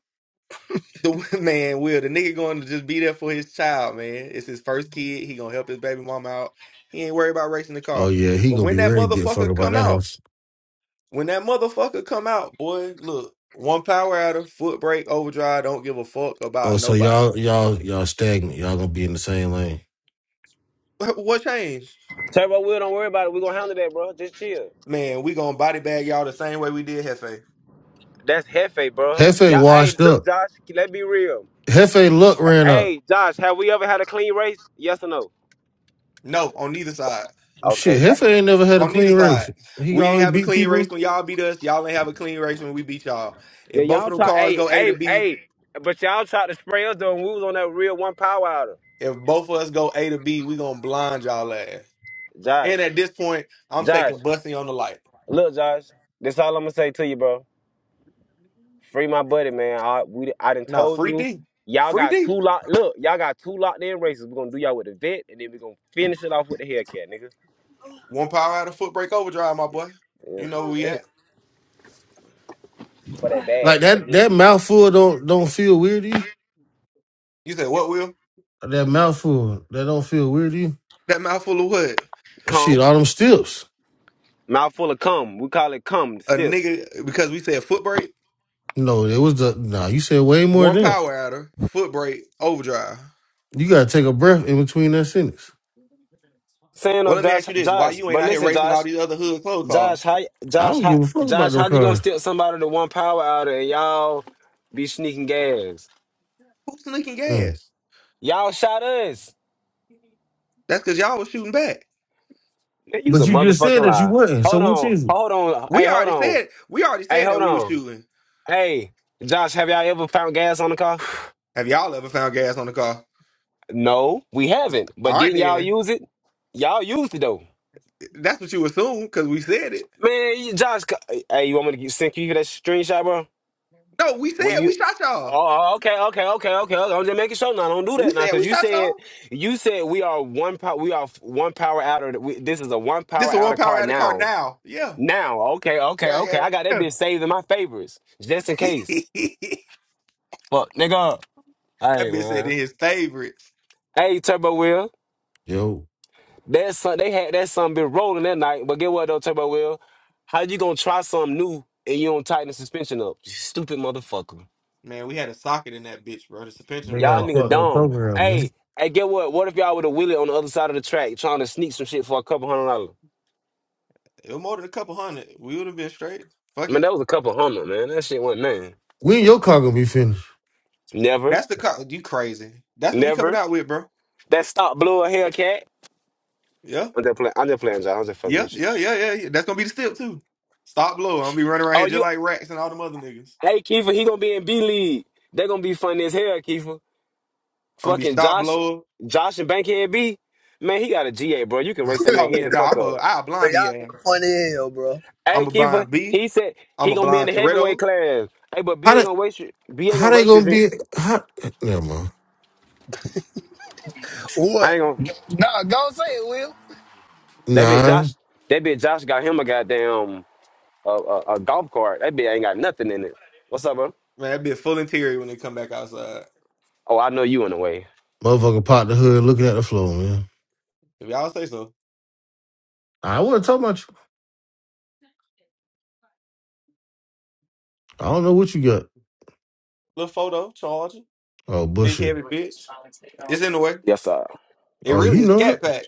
Speaker 11: The man will. The nigga going to just be there for his child, man. It's his first kid. He gonna help his baby mama out. He ain't worried about racing the
Speaker 10: Oh
Speaker 11: car.
Speaker 10: yeah, he
Speaker 11: But
Speaker 10: gonna
Speaker 11: when
Speaker 10: be
Speaker 11: that
Speaker 10: ready to get fucked
Speaker 11: motherfucker
Speaker 10: about
Speaker 11: come
Speaker 10: that
Speaker 11: out,
Speaker 10: house.
Speaker 11: when that motherfucker come out, boy, look, one power out of foot brake, overdrive. Don't give a fuck
Speaker 10: Oh,
Speaker 11: about
Speaker 10: so
Speaker 11: nobody.
Speaker 10: y'all y'all y'all stagnant. Y'all gonna be in the same lane.
Speaker 11: What changed,
Speaker 9: Turbo, Will, don't worry about it. We gonna handle that, bro. Just chill.
Speaker 11: man? We gonna body bag y'all the same way we did Hefe.
Speaker 9: That's hefe, bro.
Speaker 10: Hefe
Speaker 9: Y'all, hey,
Speaker 10: washed
Speaker 9: look,
Speaker 10: up.
Speaker 9: Josh. Let's be real.
Speaker 10: Hefe luck ran up.
Speaker 9: Hey, Josh, have we ever had a clean race? Yes or no?
Speaker 11: No, on neither side.
Speaker 9: Okay.
Speaker 10: Shit, Heifer ain't never had a
Speaker 11: On neither
Speaker 10: clean
Speaker 11: side.
Speaker 10: race. He
Speaker 11: We ain't
Speaker 10: always
Speaker 11: have a
Speaker 10: beat
Speaker 11: clean race
Speaker 10: people.
Speaker 11: when y'all beat us. Y'all ain't have a clean race when we beat y'all.
Speaker 9: Yeah,
Speaker 11: If both
Speaker 9: y'all
Speaker 11: of them
Speaker 9: try.
Speaker 11: cars
Speaker 9: Hey,
Speaker 11: go A
Speaker 9: hey,
Speaker 11: to B,
Speaker 9: hey. But y'all tried to spray us though, and we was on that real one power hour.
Speaker 11: If both of us go A to B, we gonna blind y'all ass.
Speaker 9: Josh,
Speaker 11: And at this point, I'm
Speaker 9: Josh,
Speaker 11: taking Bussy on the light.
Speaker 9: look, Josh. This all I'm gonna say to you, bro. Free my buddy, man. I we I done
Speaker 11: Now
Speaker 9: told
Speaker 11: free
Speaker 9: you.
Speaker 11: D,
Speaker 9: Y'all
Speaker 11: free
Speaker 9: got
Speaker 11: D,
Speaker 9: two lock. Look, y'all got two locked in races. We're gonna do y'all with the vet, and then we're gonna finish it off with the haircut, nigga.
Speaker 11: one power out of foot break overdrive, my boy. You know
Speaker 9: Yeah.
Speaker 11: where
Speaker 1: Damn.
Speaker 11: we at?
Speaker 9: For that
Speaker 10: Like
Speaker 9: bag
Speaker 10: that
Speaker 9: again.
Speaker 10: that mouthful don't don't feel weird to you.
Speaker 11: You said what, Will?
Speaker 10: That mouthful that don't feel weird to you.
Speaker 11: That mouthful of what?
Speaker 10: Shit,
Speaker 9: Cum,
Speaker 10: all them steps.
Speaker 9: mouthful of cum. We call it cum. The
Speaker 11: A
Speaker 9: steps.
Speaker 11: nigga because we said foot break,
Speaker 10: No, it was the nah, you said way more
Speaker 11: one
Speaker 10: than that.
Speaker 11: power out of foot break overdrive.
Speaker 10: You gotta take a breath in between that sentence.
Speaker 9: Saying no,
Speaker 11: Well, let me ask
Speaker 9: Josh,
Speaker 11: you this: Why
Speaker 9: Josh.
Speaker 11: you ain't
Speaker 9: But
Speaker 11: out here
Speaker 9: listen,
Speaker 11: racing all
Speaker 9: Josh,
Speaker 11: these other hood clothes
Speaker 9: Josh,
Speaker 11: cars?
Speaker 9: how,
Speaker 10: I
Speaker 9: Josh,
Speaker 10: don't
Speaker 9: how,
Speaker 10: give a fuck about
Speaker 9: Josh,
Speaker 10: them
Speaker 9: how you gonna
Speaker 10: cars.
Speaker 9: steal somebody to one power out and y'all be sneaking gas?
Speaker 11: Who's leaking
Speaker 10: Mm.
Speaker 11: gas?
Speaker 9: Y'all shot us.
Speaker 11: That's because y'all was shooting back.
Speaker 9: Man, use
Speaker 10: But
Speaker 9: a
Speaker 10: you just said
Speaker 9: motherfucking
Speaker 10: that you
Speaker 9: lie.
Speaker 10: wasn't, so
Speaker 9: Hold
Speaker 10: which
Speaker 9: on.
Speaker 10: is it?
Speaker 9: Hold on.
Speaker 11: We
Speaker 9: Hey, hold
Speaker 11: already
Speaker 9: on.
Speaker 11: said we already
Speaker 9: Hey,
Speaker 11: said that
Speaker 9: hold
Speaker 11: we were
Speaker 9: on.
Speaker 11: shooting.
Speaker 9: Hey, Josh, have y'all ever found gas on the car?
Speaker 11: Have y'all ever found gas on the car?
Speaker 9: No, we haven't.
Speaker 11: All
Speaker 9: But
Speaker 11: right,
Speaker 9: didn't y'all
Speaker 11: then.
Speaker 9: use it? Y'all used it though.
Speaker 11: That's what you assume because we said it.
Speaker 9: Man, you- Josh, c- hey, you want me to get- send you that screenshot, bro?
Speaker 11: No, we
Speaker 9: Where
Speaker 11: said we
Speaker 9: you?
Speaker 11: shot y'all.
Speaker 9: Oh, okay, okay, okay, okay. okay. I'm just making sure now. Don't do
Speaker 11: We
Speaker 9: that now,
Speaker 11: said
Speaker 9: because
Speaker 11: we
Speaker 9: you
Speaker 11: shot
Speaker 9: said
Speaker 11: y'all.
Speaker 9: you said we are one power. We are f- one power out of. the- We, this is a one
Speaker 11: This
Speaker 9: power
Speaker 11: a
Speaker 9: out
Speaker 11: one
Speaker 9: of
Speaker 11: power
Speaker 9: car
Speaker 11: out of car
Speaker 9: now.
Speaker 11: now. Yeah,
Speaker 9: Now, okay, okay,
Speaker 11: yeah, yeah.
Speaker 9: okay. I got that
Speaker 11: yeah.
Speaker 9: bitch saved in my favorites just in case. Fuck, nigga. hey
Speaker 11: that
Speaker 9: man,
Speaker 11: bitch said in his favorites.
Speaker 9: Hey, Turbo Will.
Speaker 10: Yo.
Speaker 9: That son, they had that son been rolling that night. But get what though, Turbo Will? How you gonna try something new and you don't tighten the suspension up? You stupid motherfucker.
Speaker 11: Man, we had a socket in that bitch, bro. The suspension
Speaker 10: They
Speaker 11: was
Speaker 10: got
Speaker 9: Y'all
Speaker 10: a
Speaker 11: fucked
Speaker 9: nigga
Speaker 10: fucked
Speaker 11: up.
Speaker 10: up
Speaker 9: dumb.
Speaker 10: program, man.
Speaker 9: Hey, hey, get what? What if y'all would have wheeled on the other side of the track trying to sneak some shit for a couple hundred dollars?
Speaker 11: It was more than a couple hundred. We would have been straight. Fuck
Speaker 9: Man,
Speaker 11: it.
Speaker 9: that was a couple hundred, man. That shit wasn't nothing.
Speaker 10: When your car gonna be finished?
Speaker 9: Never,
Speaker 11: That's the car. You crazy? That's what we coming
Speaker 9: never.
Speaker 11: out with, bro.
Speaker 9: That stop blew a Hellcat.
Speaker 11: Yeah,
Speaker 9: I'm just playing. I'm just playing, y'all. I'm just fucking
Speaker 11: yeah,
Speaker 9: with you.
Speaker 11: yeah, yeah, yeah. yeah. That's gonna be the step too. Stop blow. I'm gonna be running around here
Speaker 9: Oh,
Speaker 11: just
Speaker 9: you.
Speaker 11: like Racks and all them other niggas.
Speaker 9: Hey, Kiefer, he gonna be in B League. They gonna be funny as hell, Kiefer.
Speaker 11: I'm gonna be
Speaker 9: Fucking
Speaker 11: stop
Speaker 9: Josh,
Speaker 11: blower.
Speaker 9: Josh and Bankhead B, man, he got a GA, bro. You can race that man
Speaker 11: Oh
Speaker 9: head
Speaker 11: yeah,
Speaker 9: the
Speaker 11: no,
Speaker 9: fuck
Speaker 11: I'm a
Speaker 9: up.
Speaker 11: I a
Speaker 1: Bro,
Speaker 11: blind
Speaker 1: y'all
Speaker 11: BA.
Speaker 1: nigga funny as hell, bro.
Speaker 11: I'm
Speaker 9: Hey,
Speaker 11: a
Speaker 9: Keeper,
Speaker 11: blind B.
Speaker 9: he said
Speaker 11: I'm
Speaker 9: he
Speaker 11: a
Speaker 9: gonna be in
Speaker 11: blind
Speaker 9: the heavyweight
Speaker 11: Toretto.
Speaker 9: class. Hey, but B
Speaker 10: How
Speaker 9: ain't
Speaker 10: they
Speaker 9: gonna race you. B ain't
Speaker 10: how
Speaker 9: gonna
Speaker 10: they
Speaker 9: race you.
Speaker 10: gonna
Speaker 9: If you
Speaker 10: be how never mind.
Speaker 9: I
Speaker 1: What?
Speaker 9: ain't gonna.
Speaker 13: No, go say it, Will.
Speaker 9: That bitch
Speaker 10: Nah.
Speaker 9: Josh, that bitch Josh got him a goddamn a, a, a golf cart. That bitch ain't got nothing in it. What's up, bro?
Speaker 11: Man, that'd be a full interior when they come back outside.
Speaker 9: Oh, I know you in the way.
Speaker 10: Motherfucker popped the hood looking at the floor, man.
Speaker 11: If y'all say so.
Speaker 10: I want not talk about you. I don't know what you got.
Speaker 11: Little photo, charger,
Speaker 10: Oh,
Speaker 11: big
Speaker 10: bullshit.
Speaker 11: heavy bitch. It's in the way.
Speaker 9: Yes, sir.
Speaker 11: It
Speaker 10: Oh,
Speaker 11: really
Speaker 10: you
Speaker 11: is
Speaker 10: know it.
Speaker 11: scat pack.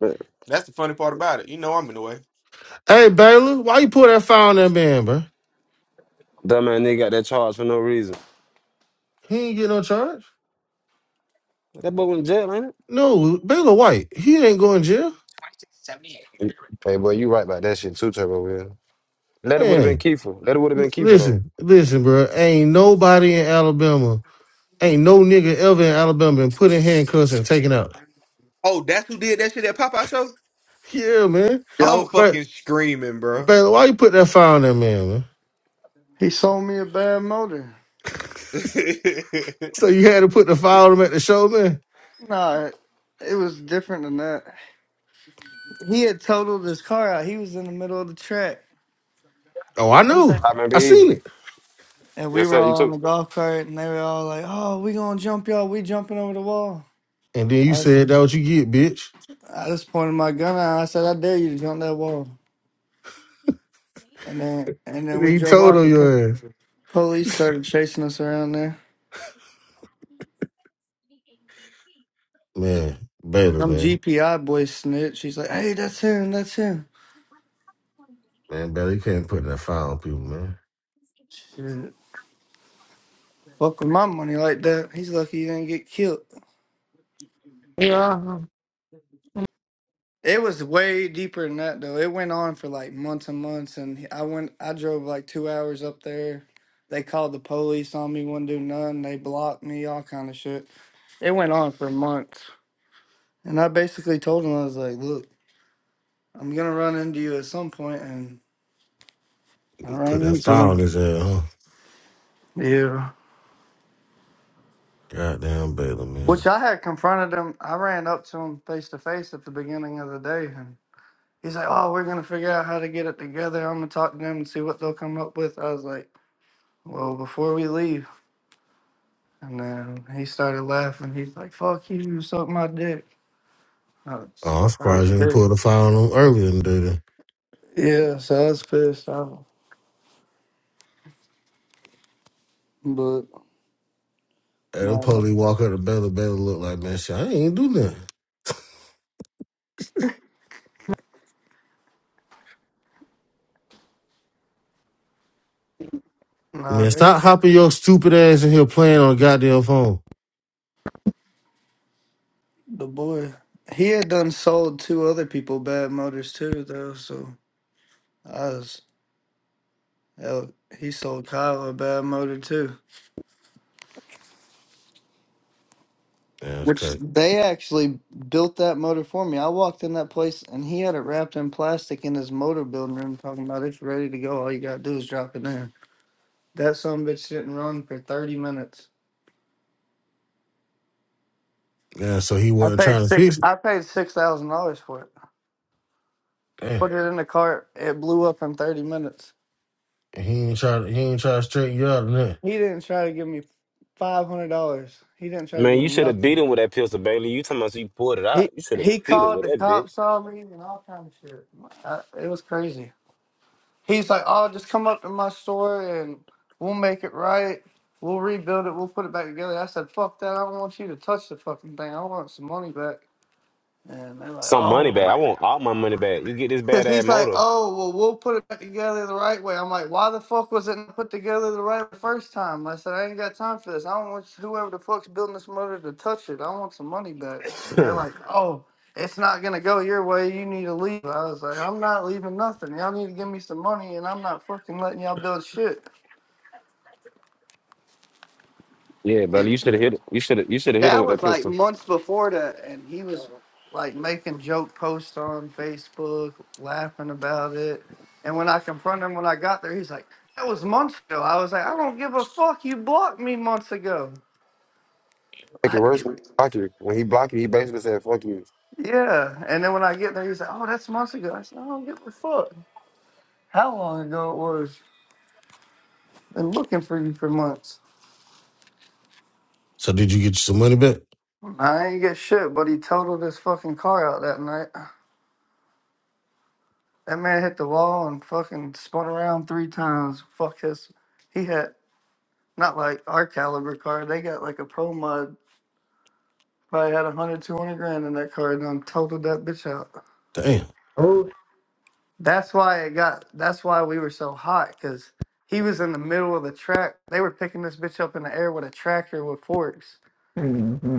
Speaker 9: Dumb
Speaker 11: That's the funny part about it. You know I'm in the way.
Speaker 10: Hey, Baylor, why you put that file on that man, bro?
Speaker 9: man, nigga got that charge for no reason.
Speaker 10: He ain't get no charge.
Speaker 9: That boy went to jail, ain't
Speaker 10: No, Baylor White, he ain't going to jail.
Speaker 9: it? Hey, boy, you right about that shit too, Turbo Will. Letter would have been
Speaker 10: Man,
Speaker 9: Kiefer. Letter would have been Kiefer though.
Speaker 10: listen, listen, bro. Ain't nobody in Alabama, ain't no nigga ever in Alabama been put in handcuffs and taken out.
Speaker 11: Oh, that's who did that shit at Popeye Show?
Speaker 10: Yeah, man.
Speaker 11: I'm
Speaker 14: Yo,
Speaker 10: But
Speaker 11: fucking screaming, bro.
Speaker 10: Baylor, why you put that file on that man, man?
Speaker 14: he sold me a bad motor.
Speaker 10: So you had to put the file on him at the show, man?
Speaker 14: Nah, it was different than that. He had totaled his car out. He was in the middle of the track.
Speaker 10: Oh, I
Speaker 14: He's
Speaker 10: know.
Speaker 14: like,
Speaker 9: I remember
Speaker 10: I seen
Speaker 9: even.
Speaker 10: it.
Speaker 14: and we
Speaker 9: Yes,
Speaker 14: were
Speaker 9: sir. You
Speaker 14: all on
Speaker 9: too.
Speaker 14: the golf cart, and they were all like, "Oh, we gonna jump, y'all. We jumping over the wall."
Speaker 10: And then you
Speaker 14: I was,
Speaker 10: said that what you get, bitch.
Speaker 14: I just pointed my gun out. I said, "I dare you to jump that wall." And then, and then
Speaker 10: And then
Speaker 14: we
Speaker 10: you
Speaker 14: drove
Speaker 10: told
Speaker 14: off. The
Speaker 10: on
Speaker 14: po-
Speaker 10: your ass.
Speaker 14: police started chasing us around there.
Speaker 10: Man, Baylor,
Speaker 14: Some
Speaker 10: man.
Speaker 14: GPI boy snitch. He's like, "Hey, that's him. That's him."
Speaker 10: Man, Baylor, you can't put that fire on people, man.
Speaker 14: Shit, fuck with my money like that. He's lucky he didn't get killed.
Speaker 15: Yeah.
Speaker 14: It was way deeper than that though. It went on for like months and months, and I went. I drove like two hours up there. They called the police on me. Wouldn't do none. They blocked me. All kind of shit. It went on for months, and I basically told him I was like, "Look, I'm gonna run into you at some point," and I
Speaker 10: You put
Speaker 14: ran
Speaker 10: that
Speaker 14: into
Speaker 10: fire on his
Speaker 14: him.
Speaker 10: head, huh?
Speaker 14: Yeah.
Speaker 10: Goddamn Baylor,
Speaker 14: Which
Speaker 10: man.
Speaker 14: I had confronted him. I ran up to him face to face at the beginning of the day, and he's like, "Oh, we're gonna figure out how to get it together. I'm gonna talk to them and see what they'll come up with." I was like. Well, before we leave, And then he started laughing. He's like, fuck you, you suck my dick. I was,
Speaker 10: Oh, I'm
Speaker 14: I was
Speaker 10: surprised you didn't
Speaker 14: pissed.
Speaker 10: pull the fire on him earlier in the day. then.
Speaker 14: Yeah, so I was pissed off. But
Speaker 10: And them
Speaker 14: nah, th-
Speaker 10: police walk up to Baylor, Baylor look like, man, shit, I ain't do nothing.
Speaker 14: nah,
Speaker 10: Man,
Speaker 14: they
Speaker 10: stop hopping your stupid ass in here playing on the goddamn phone.
Speaker 14: the boy. He had done sold two other people bad motors too, though. So I was, hell, he sold Kyle a bad motor too.
Speaker 10: Yeah, that's
Speaker 14: Which
Speaker 10: crazy.
Speaker 14: they actually built that motor for me. I walked in that place and he had it wrapped in plastic in his motor building room, talking about it's ready to go. All you gotta do is drop it in. That some bitch didn't run for thirty minutes.
Speaker 10: Yeah, so he
Speaker 14: I
Speaker 10: wasn't
Speaker 14: paid
Speaker 10: trying to
Speaker 14: six.
Speaker 10: fix it.
Speaker 14: I paid six thousand dollars for it.
Speaker 10: Damn.
Speaker 14: Put it in the cart. It blew up in thirty minutes.
Speaker 10: And He ain't try to, he ain't try to straighten you out or nothing.
Speaker 14: He didn't try to give me five hundred dollars. He didn't try to
Speaker 9: Man,
Speaker 14: give me
Speaker 9: you should have beat
Speaker 14: nothing.
Speaker 9: him with that pistol, Bailey. You talking about you pulled it out.
Speaker 14: He
Speaker 9: You should have
Speaker 14: he
Speaker 9: beat him
Speaker 14: called
Speaker 9: with
Speaker 14: the
Speaker 9: that bitch.
Speaker 14: cops on me and all kind of shit. I, it was crazy. He's like, "Oh, just come up to my store and we'll make it right. We'll rebuild it. We'll put it back together." I said, "Fuck that! I don't want you to touch the fucking thing. I want some money back." And they're like,
Speaker 9: Some money back.
Speaker 14: "Oh."
Speaker 9: I want all my money back. You get this
Speaker 14: Because
Speaker 9: bad ass
Speaker 14: he's like,
Speaker 9: motor.
Speaker 14: oh, well, we'll put it back together the right way. I'm like, why the fuck was it not put together the right way the first time? I said, I ain't got time for this. I don't want whoever the fuck's building this motor to touch it. I want some money back. And they're like, oh, it's not going to go your way. You need to leave. I was like, I'm not leaving nothing. Y'all need to give me some money, and I'm not fucking letting y'all build shit.
Speaker 9: Yeah, Bailey.
Speaker 14: And
Speaker 9: You should have hit. him. You should have. You should have hit him
Speaker 14: that
Speaker 9: with
Speaker 14: was
Speaker 9: that
Speaker 14: like
Speaker 9: pistol.
Speaker 14: months before that, and he was like making joke posts on Facebook, laughing about it. And when I confronted him when I got there, he's like, "That was months ago." I was like, "I don't give a fuck. You blocked me months ago."
Speaker 9: Make it
Speaker 14: Like,
Speaker 9: worse, block you. When he blocked you, he basically said, fuck you.
Speaker 14: yeah. And then when I get there, he's like, "Oh, that's months ago." I said, "I don't give a fuck how long ago it was. Been looking for you for months.
Speaker 10: So did you get you some money back?
Speaker 14: I ain't get shit." But he totaled his fucking car out that night. That man hit the wall and fucking spun around three times. Fuck his. He had not like our caliber car. They got like a pro mod. Probably had a hundred, two hundred grand in that car and done totaled that bitch out.
Speaker 10: Damn.
Speaker 15: Oh.
Speaker 14: That's why it got. That's why we were so hot because he was in the middle of the track. They were picking this bitch up in the air with a tractor with forks.
Speaker 15: ocean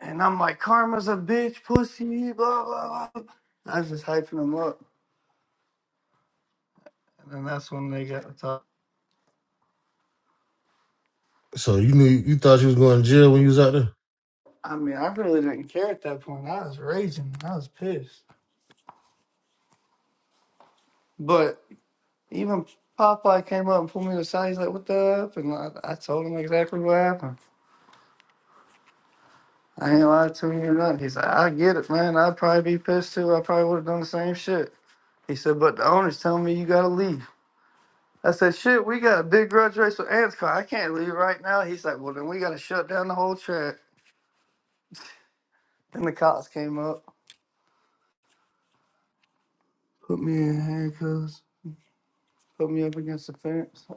Speaker 14: And I'm like, Karma's a bitch, pussy, blah blah blah. I was just hyping them up, and then that's when they got the top.
Speaker 10: So you knew you thought you was going to jail when you was out there?
Speaker 14: I mean, I really didn't care at that point. I was raging. I was pissed. But even Popeye came up and pulled me aside. He's like, "What the up?" And I, I told him exactly what happened. I ain't lied to him or nothing. He's like, "I get it, man. I'd probably be pissed too. I probably would have done the same shit." He said, "But the owner's telling me you gotta leave." I said, "Shit, we got a big grudge race with Anscom. I can't leave right now." He's like, "Well, then we gotta shut down the whole track." Then the cops came up, put me in handcuffs, put me up against the fence.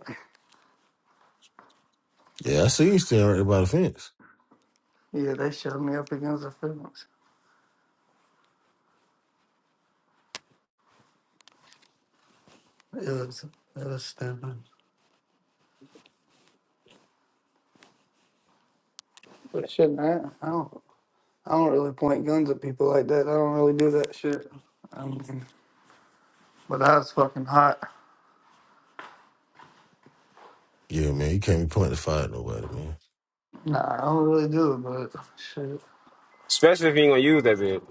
Speaker 10: Yeah, I see you standing right there by the fence.
Speaker 14: Yeah, they showed me up against the fence. It was it was stupid. But it shouldn't I, I don't I don't really point guns at people like that. I don't really do that shit. I mean, but I was fucking hot.
Speaker 10: Yeah, man, you can't be pointing the fire at nobody, man.
Speaker 14: Nah, I don't really do it. But shit,
Speaker 9: Especially if he ain't gonna use that bitch.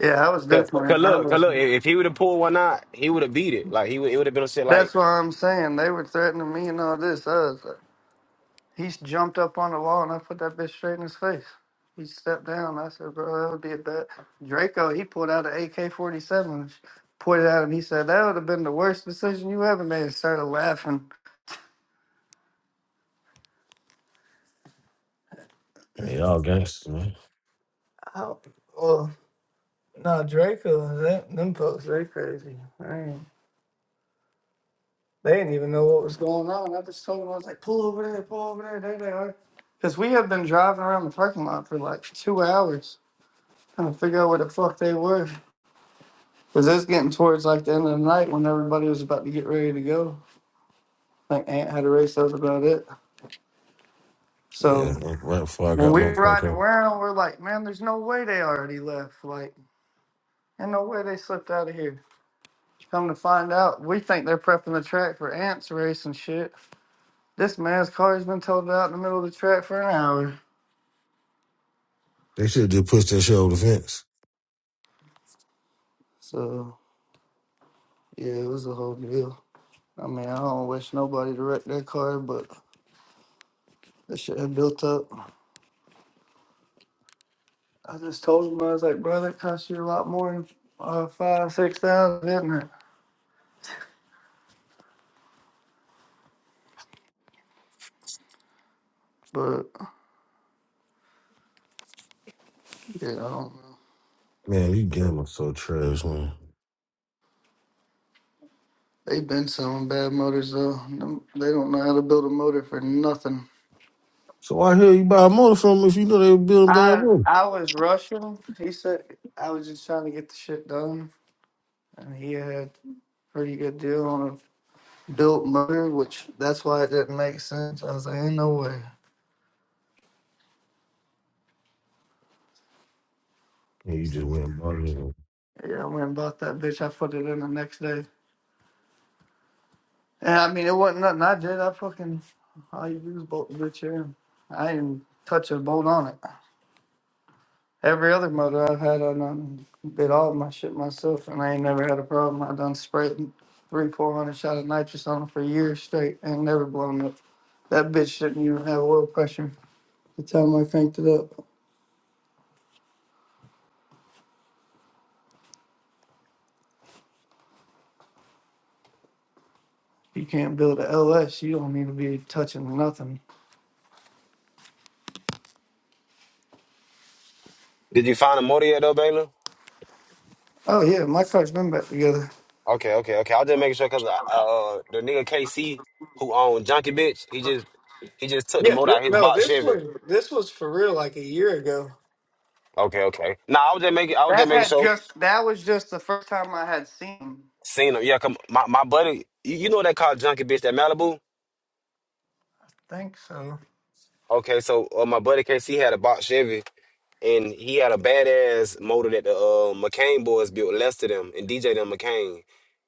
Speaker 14: yeah, I was
Speaker 9: Cause,
Speaker 14: definitely.
Speaker 9: cause
Speaker 14: I
Speaker 9: look, cause
Speaker 14: was.
Speaker 9: look. If, if he would have pulled one out, he would have beat it. Like he would. It would have been a shit. Like,
Speaker 14: That's why I'm saying they were threatening me and all this. I was like, He's jumped up on the wall and I put that bitch straight in his face. He stepped down. I said, bro, that would be a bet. Draco, he pulled out an AK 47, pointed at him. He said, that would have been the worst decision you ever made. And started laughing.
Speaker 10: Hey, y'all gangsters, man.
Speaker 14: Oh, well, no, Draco, that, them folks, they crazy. I ain't- They didn't even know what was going on. I just told them, I was like, pull over there, pull over there. There they are. Because we had been driving around the parking lot for like two hours trying to figure out where the fuck they were. Because it's getting towards like the end of the night when everybody was about to get ready to go. Like Aunt had a race, that was about it.
Speaker 10: Yeah,
Speaker 14: So
Speaker 10: right before I
Speaker 14: when
Speaker 10: got
Speaker 14: we
Speaker 10: my
Speaker 14: were
Speaker 10: fuck
Speaker 14: riding
Speaker 10: up,
Speaker 14: around, we're like, man, there's no way they already left. Like, ain't no way they slipped out of here. Come to find out, we think they're prepping the track for Ant's race and shit. This man's car has been towed out in the middle of the track for an hour.
Speaker 10: they should just push that shit over the fence.
Speaker 14: So yeah, it was a whole deal. I mean, I don't wish nobody to wreck their car, but that shit had built up. I just told him I was like, bro, that cost you a lot more than uh, five, six thousand, didn't it? But yeah, I don't know.
Speaker 10: Man, you gamblers so trash, man.
Speaker 14: They've been selling bad motors though. Them- They don't know how to build a motor for nothing.
Speaker 10: So why the hell you buy a motor from 'em if you know they were building bad
Speaker 14: I
Speaker 10: motor?
Speaker 14: I was rushing. He said I was just trying to get the shit done, and he had a pretty good deal on a built motor, which that's why it didn't make sense. I was like, ain't no way.
Speaker 10: And you
Speaker 14: So,
Speaker 10: just went and bought it anyway.
Speaker 14: yeah, I went and bought that bitch. I put it in the next day. Yeah, I mean, it wasn't nothing I did. I fucking all you do is bolt the bitch in. I didn't touch a bolt on it. Every other motor I've had, I done bit all my shit myself, and I ain't never had a problem. I done sprayed three, four hundred shot of nitrous on it for years straight, and never blown up. That bitch didn't even have oil pressure. The time I cranked it up, you can't build a LS. You don't need to be touching nothing.
Speaker 9: did you find a motor yet, though, Bailey?
Speaker 14: Oh yeah, my car's been back together.
Speaker 9: Okay, okay, okay. i was just making sure because uh, uh, the nigga KC who owned Junkie Bitch, he just he just took the
Speaker 14: Yeah,
Speaker 9: motor
Speaker 14: th-
Speaker 9: out of his
Speaker 14: no,
Speaker 9: box
Speaker 14: this
Speaker 9: Chevy.
Speaker 14: was this was for real like a year ago.
Speaker 9: Okay, okay. Nah, I was just making I was
Speaker 14: That
Speaker 9: just making
Speaker 14: had
Speaker 9: sure.
Speaker 14: just that was just the first time I had seen him.
Speaker 9: Seen him. Yeah, come my, my buddy you, you know that car Junkie Bitch, that Malibu?
Speaker 14: Think so.
Speaker 9: Okay, so uh, my buddy KC had a box Chevy and he had a badass motor that the uh, McCain boys built Lester them and DJ them McCain.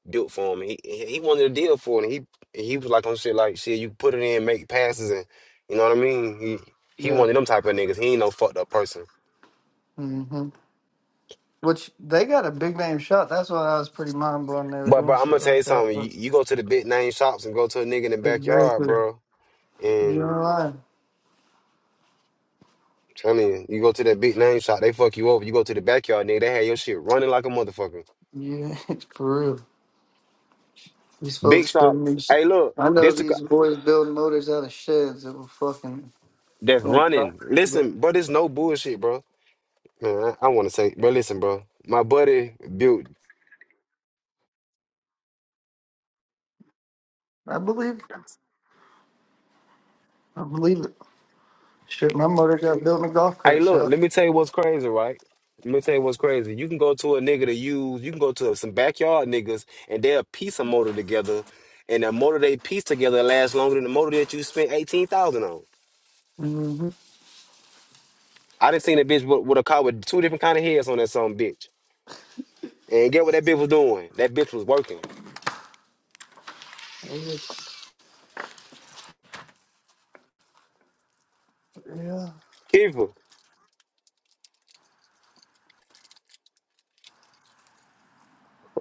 Speaker 9: built for him. He he he wanted a deal for it. And he he was like on shit like shit. You put it in, make passes, and you know what I mean. He he
Speaker 14: Yeah.
Speaker 9: wanted them type of niggas. He ain't no fucked up person.
Speaker 14: hmm Which they got a big name shot. That's why I was pretty mind blown they were
Speaker 9: But
Speaker 14: doing
Speaker 9: bro, I'm
Speaker 14: shit
Speaker 9: gonna tell you
Speaker 14: like that.
Speaker 9: something. You,
Speaker 14: But
Speaker 9: you go to the big name shops and go to a nigga in the
Speaker 14: it's very
Speaker 9: backyard,
Speaker 14: clear.
Speaker 9: bro. And
Speaker 14: You're lying.
Speaker 9: I mean, you go to that big name shop, they fuck you over. You go to the backyard, nigga, they had your shit running like a motherfucker.
Speaker 14: Yeah, for real. These
Speaker 9: Big
Speaker 14: folks
Speaker 9: shop.
Speaker 14: don't need shit.
Speaker 9: Hey, look,
Speaker 14: I know
Speaker 9: this the, co-
Speaker 14: these boys build motors out of sheds that will fucking
Speaker 9: that's
Speaker 14: go crack,
Speaker 9: running.
Speaker 14: but
Speaker 9: Listen, bro, there's no bullshit, bro. Man, I, I want to say, bro, listen, bro. My buddy built
Speaker 14: I believe it. I believe it. Shit, my motor got built in a golf
Speaker 9: Hey,
Speaker 14: cart
Speaker 9: look,
Speaker 14: shop.
Speaker 9: let me tell you what's crazy, right? Let me tell you what's crazy. You can go to a nigga to use, you can go to some backyard niggas and they'll piece a motor together, and the motor they piece together lasts longer than the motor that you spent 18000 on.
Speaker 14: hmm
Speaker 9: I done seen a bitch with, with a car with two different kind of heads on that some bitch. And get what that bitch was doing? That bitch was working.
Speaker 14: Yeah.
Speaker 9: Keeper. What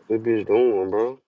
Speaker 9: that bitch doing, bro?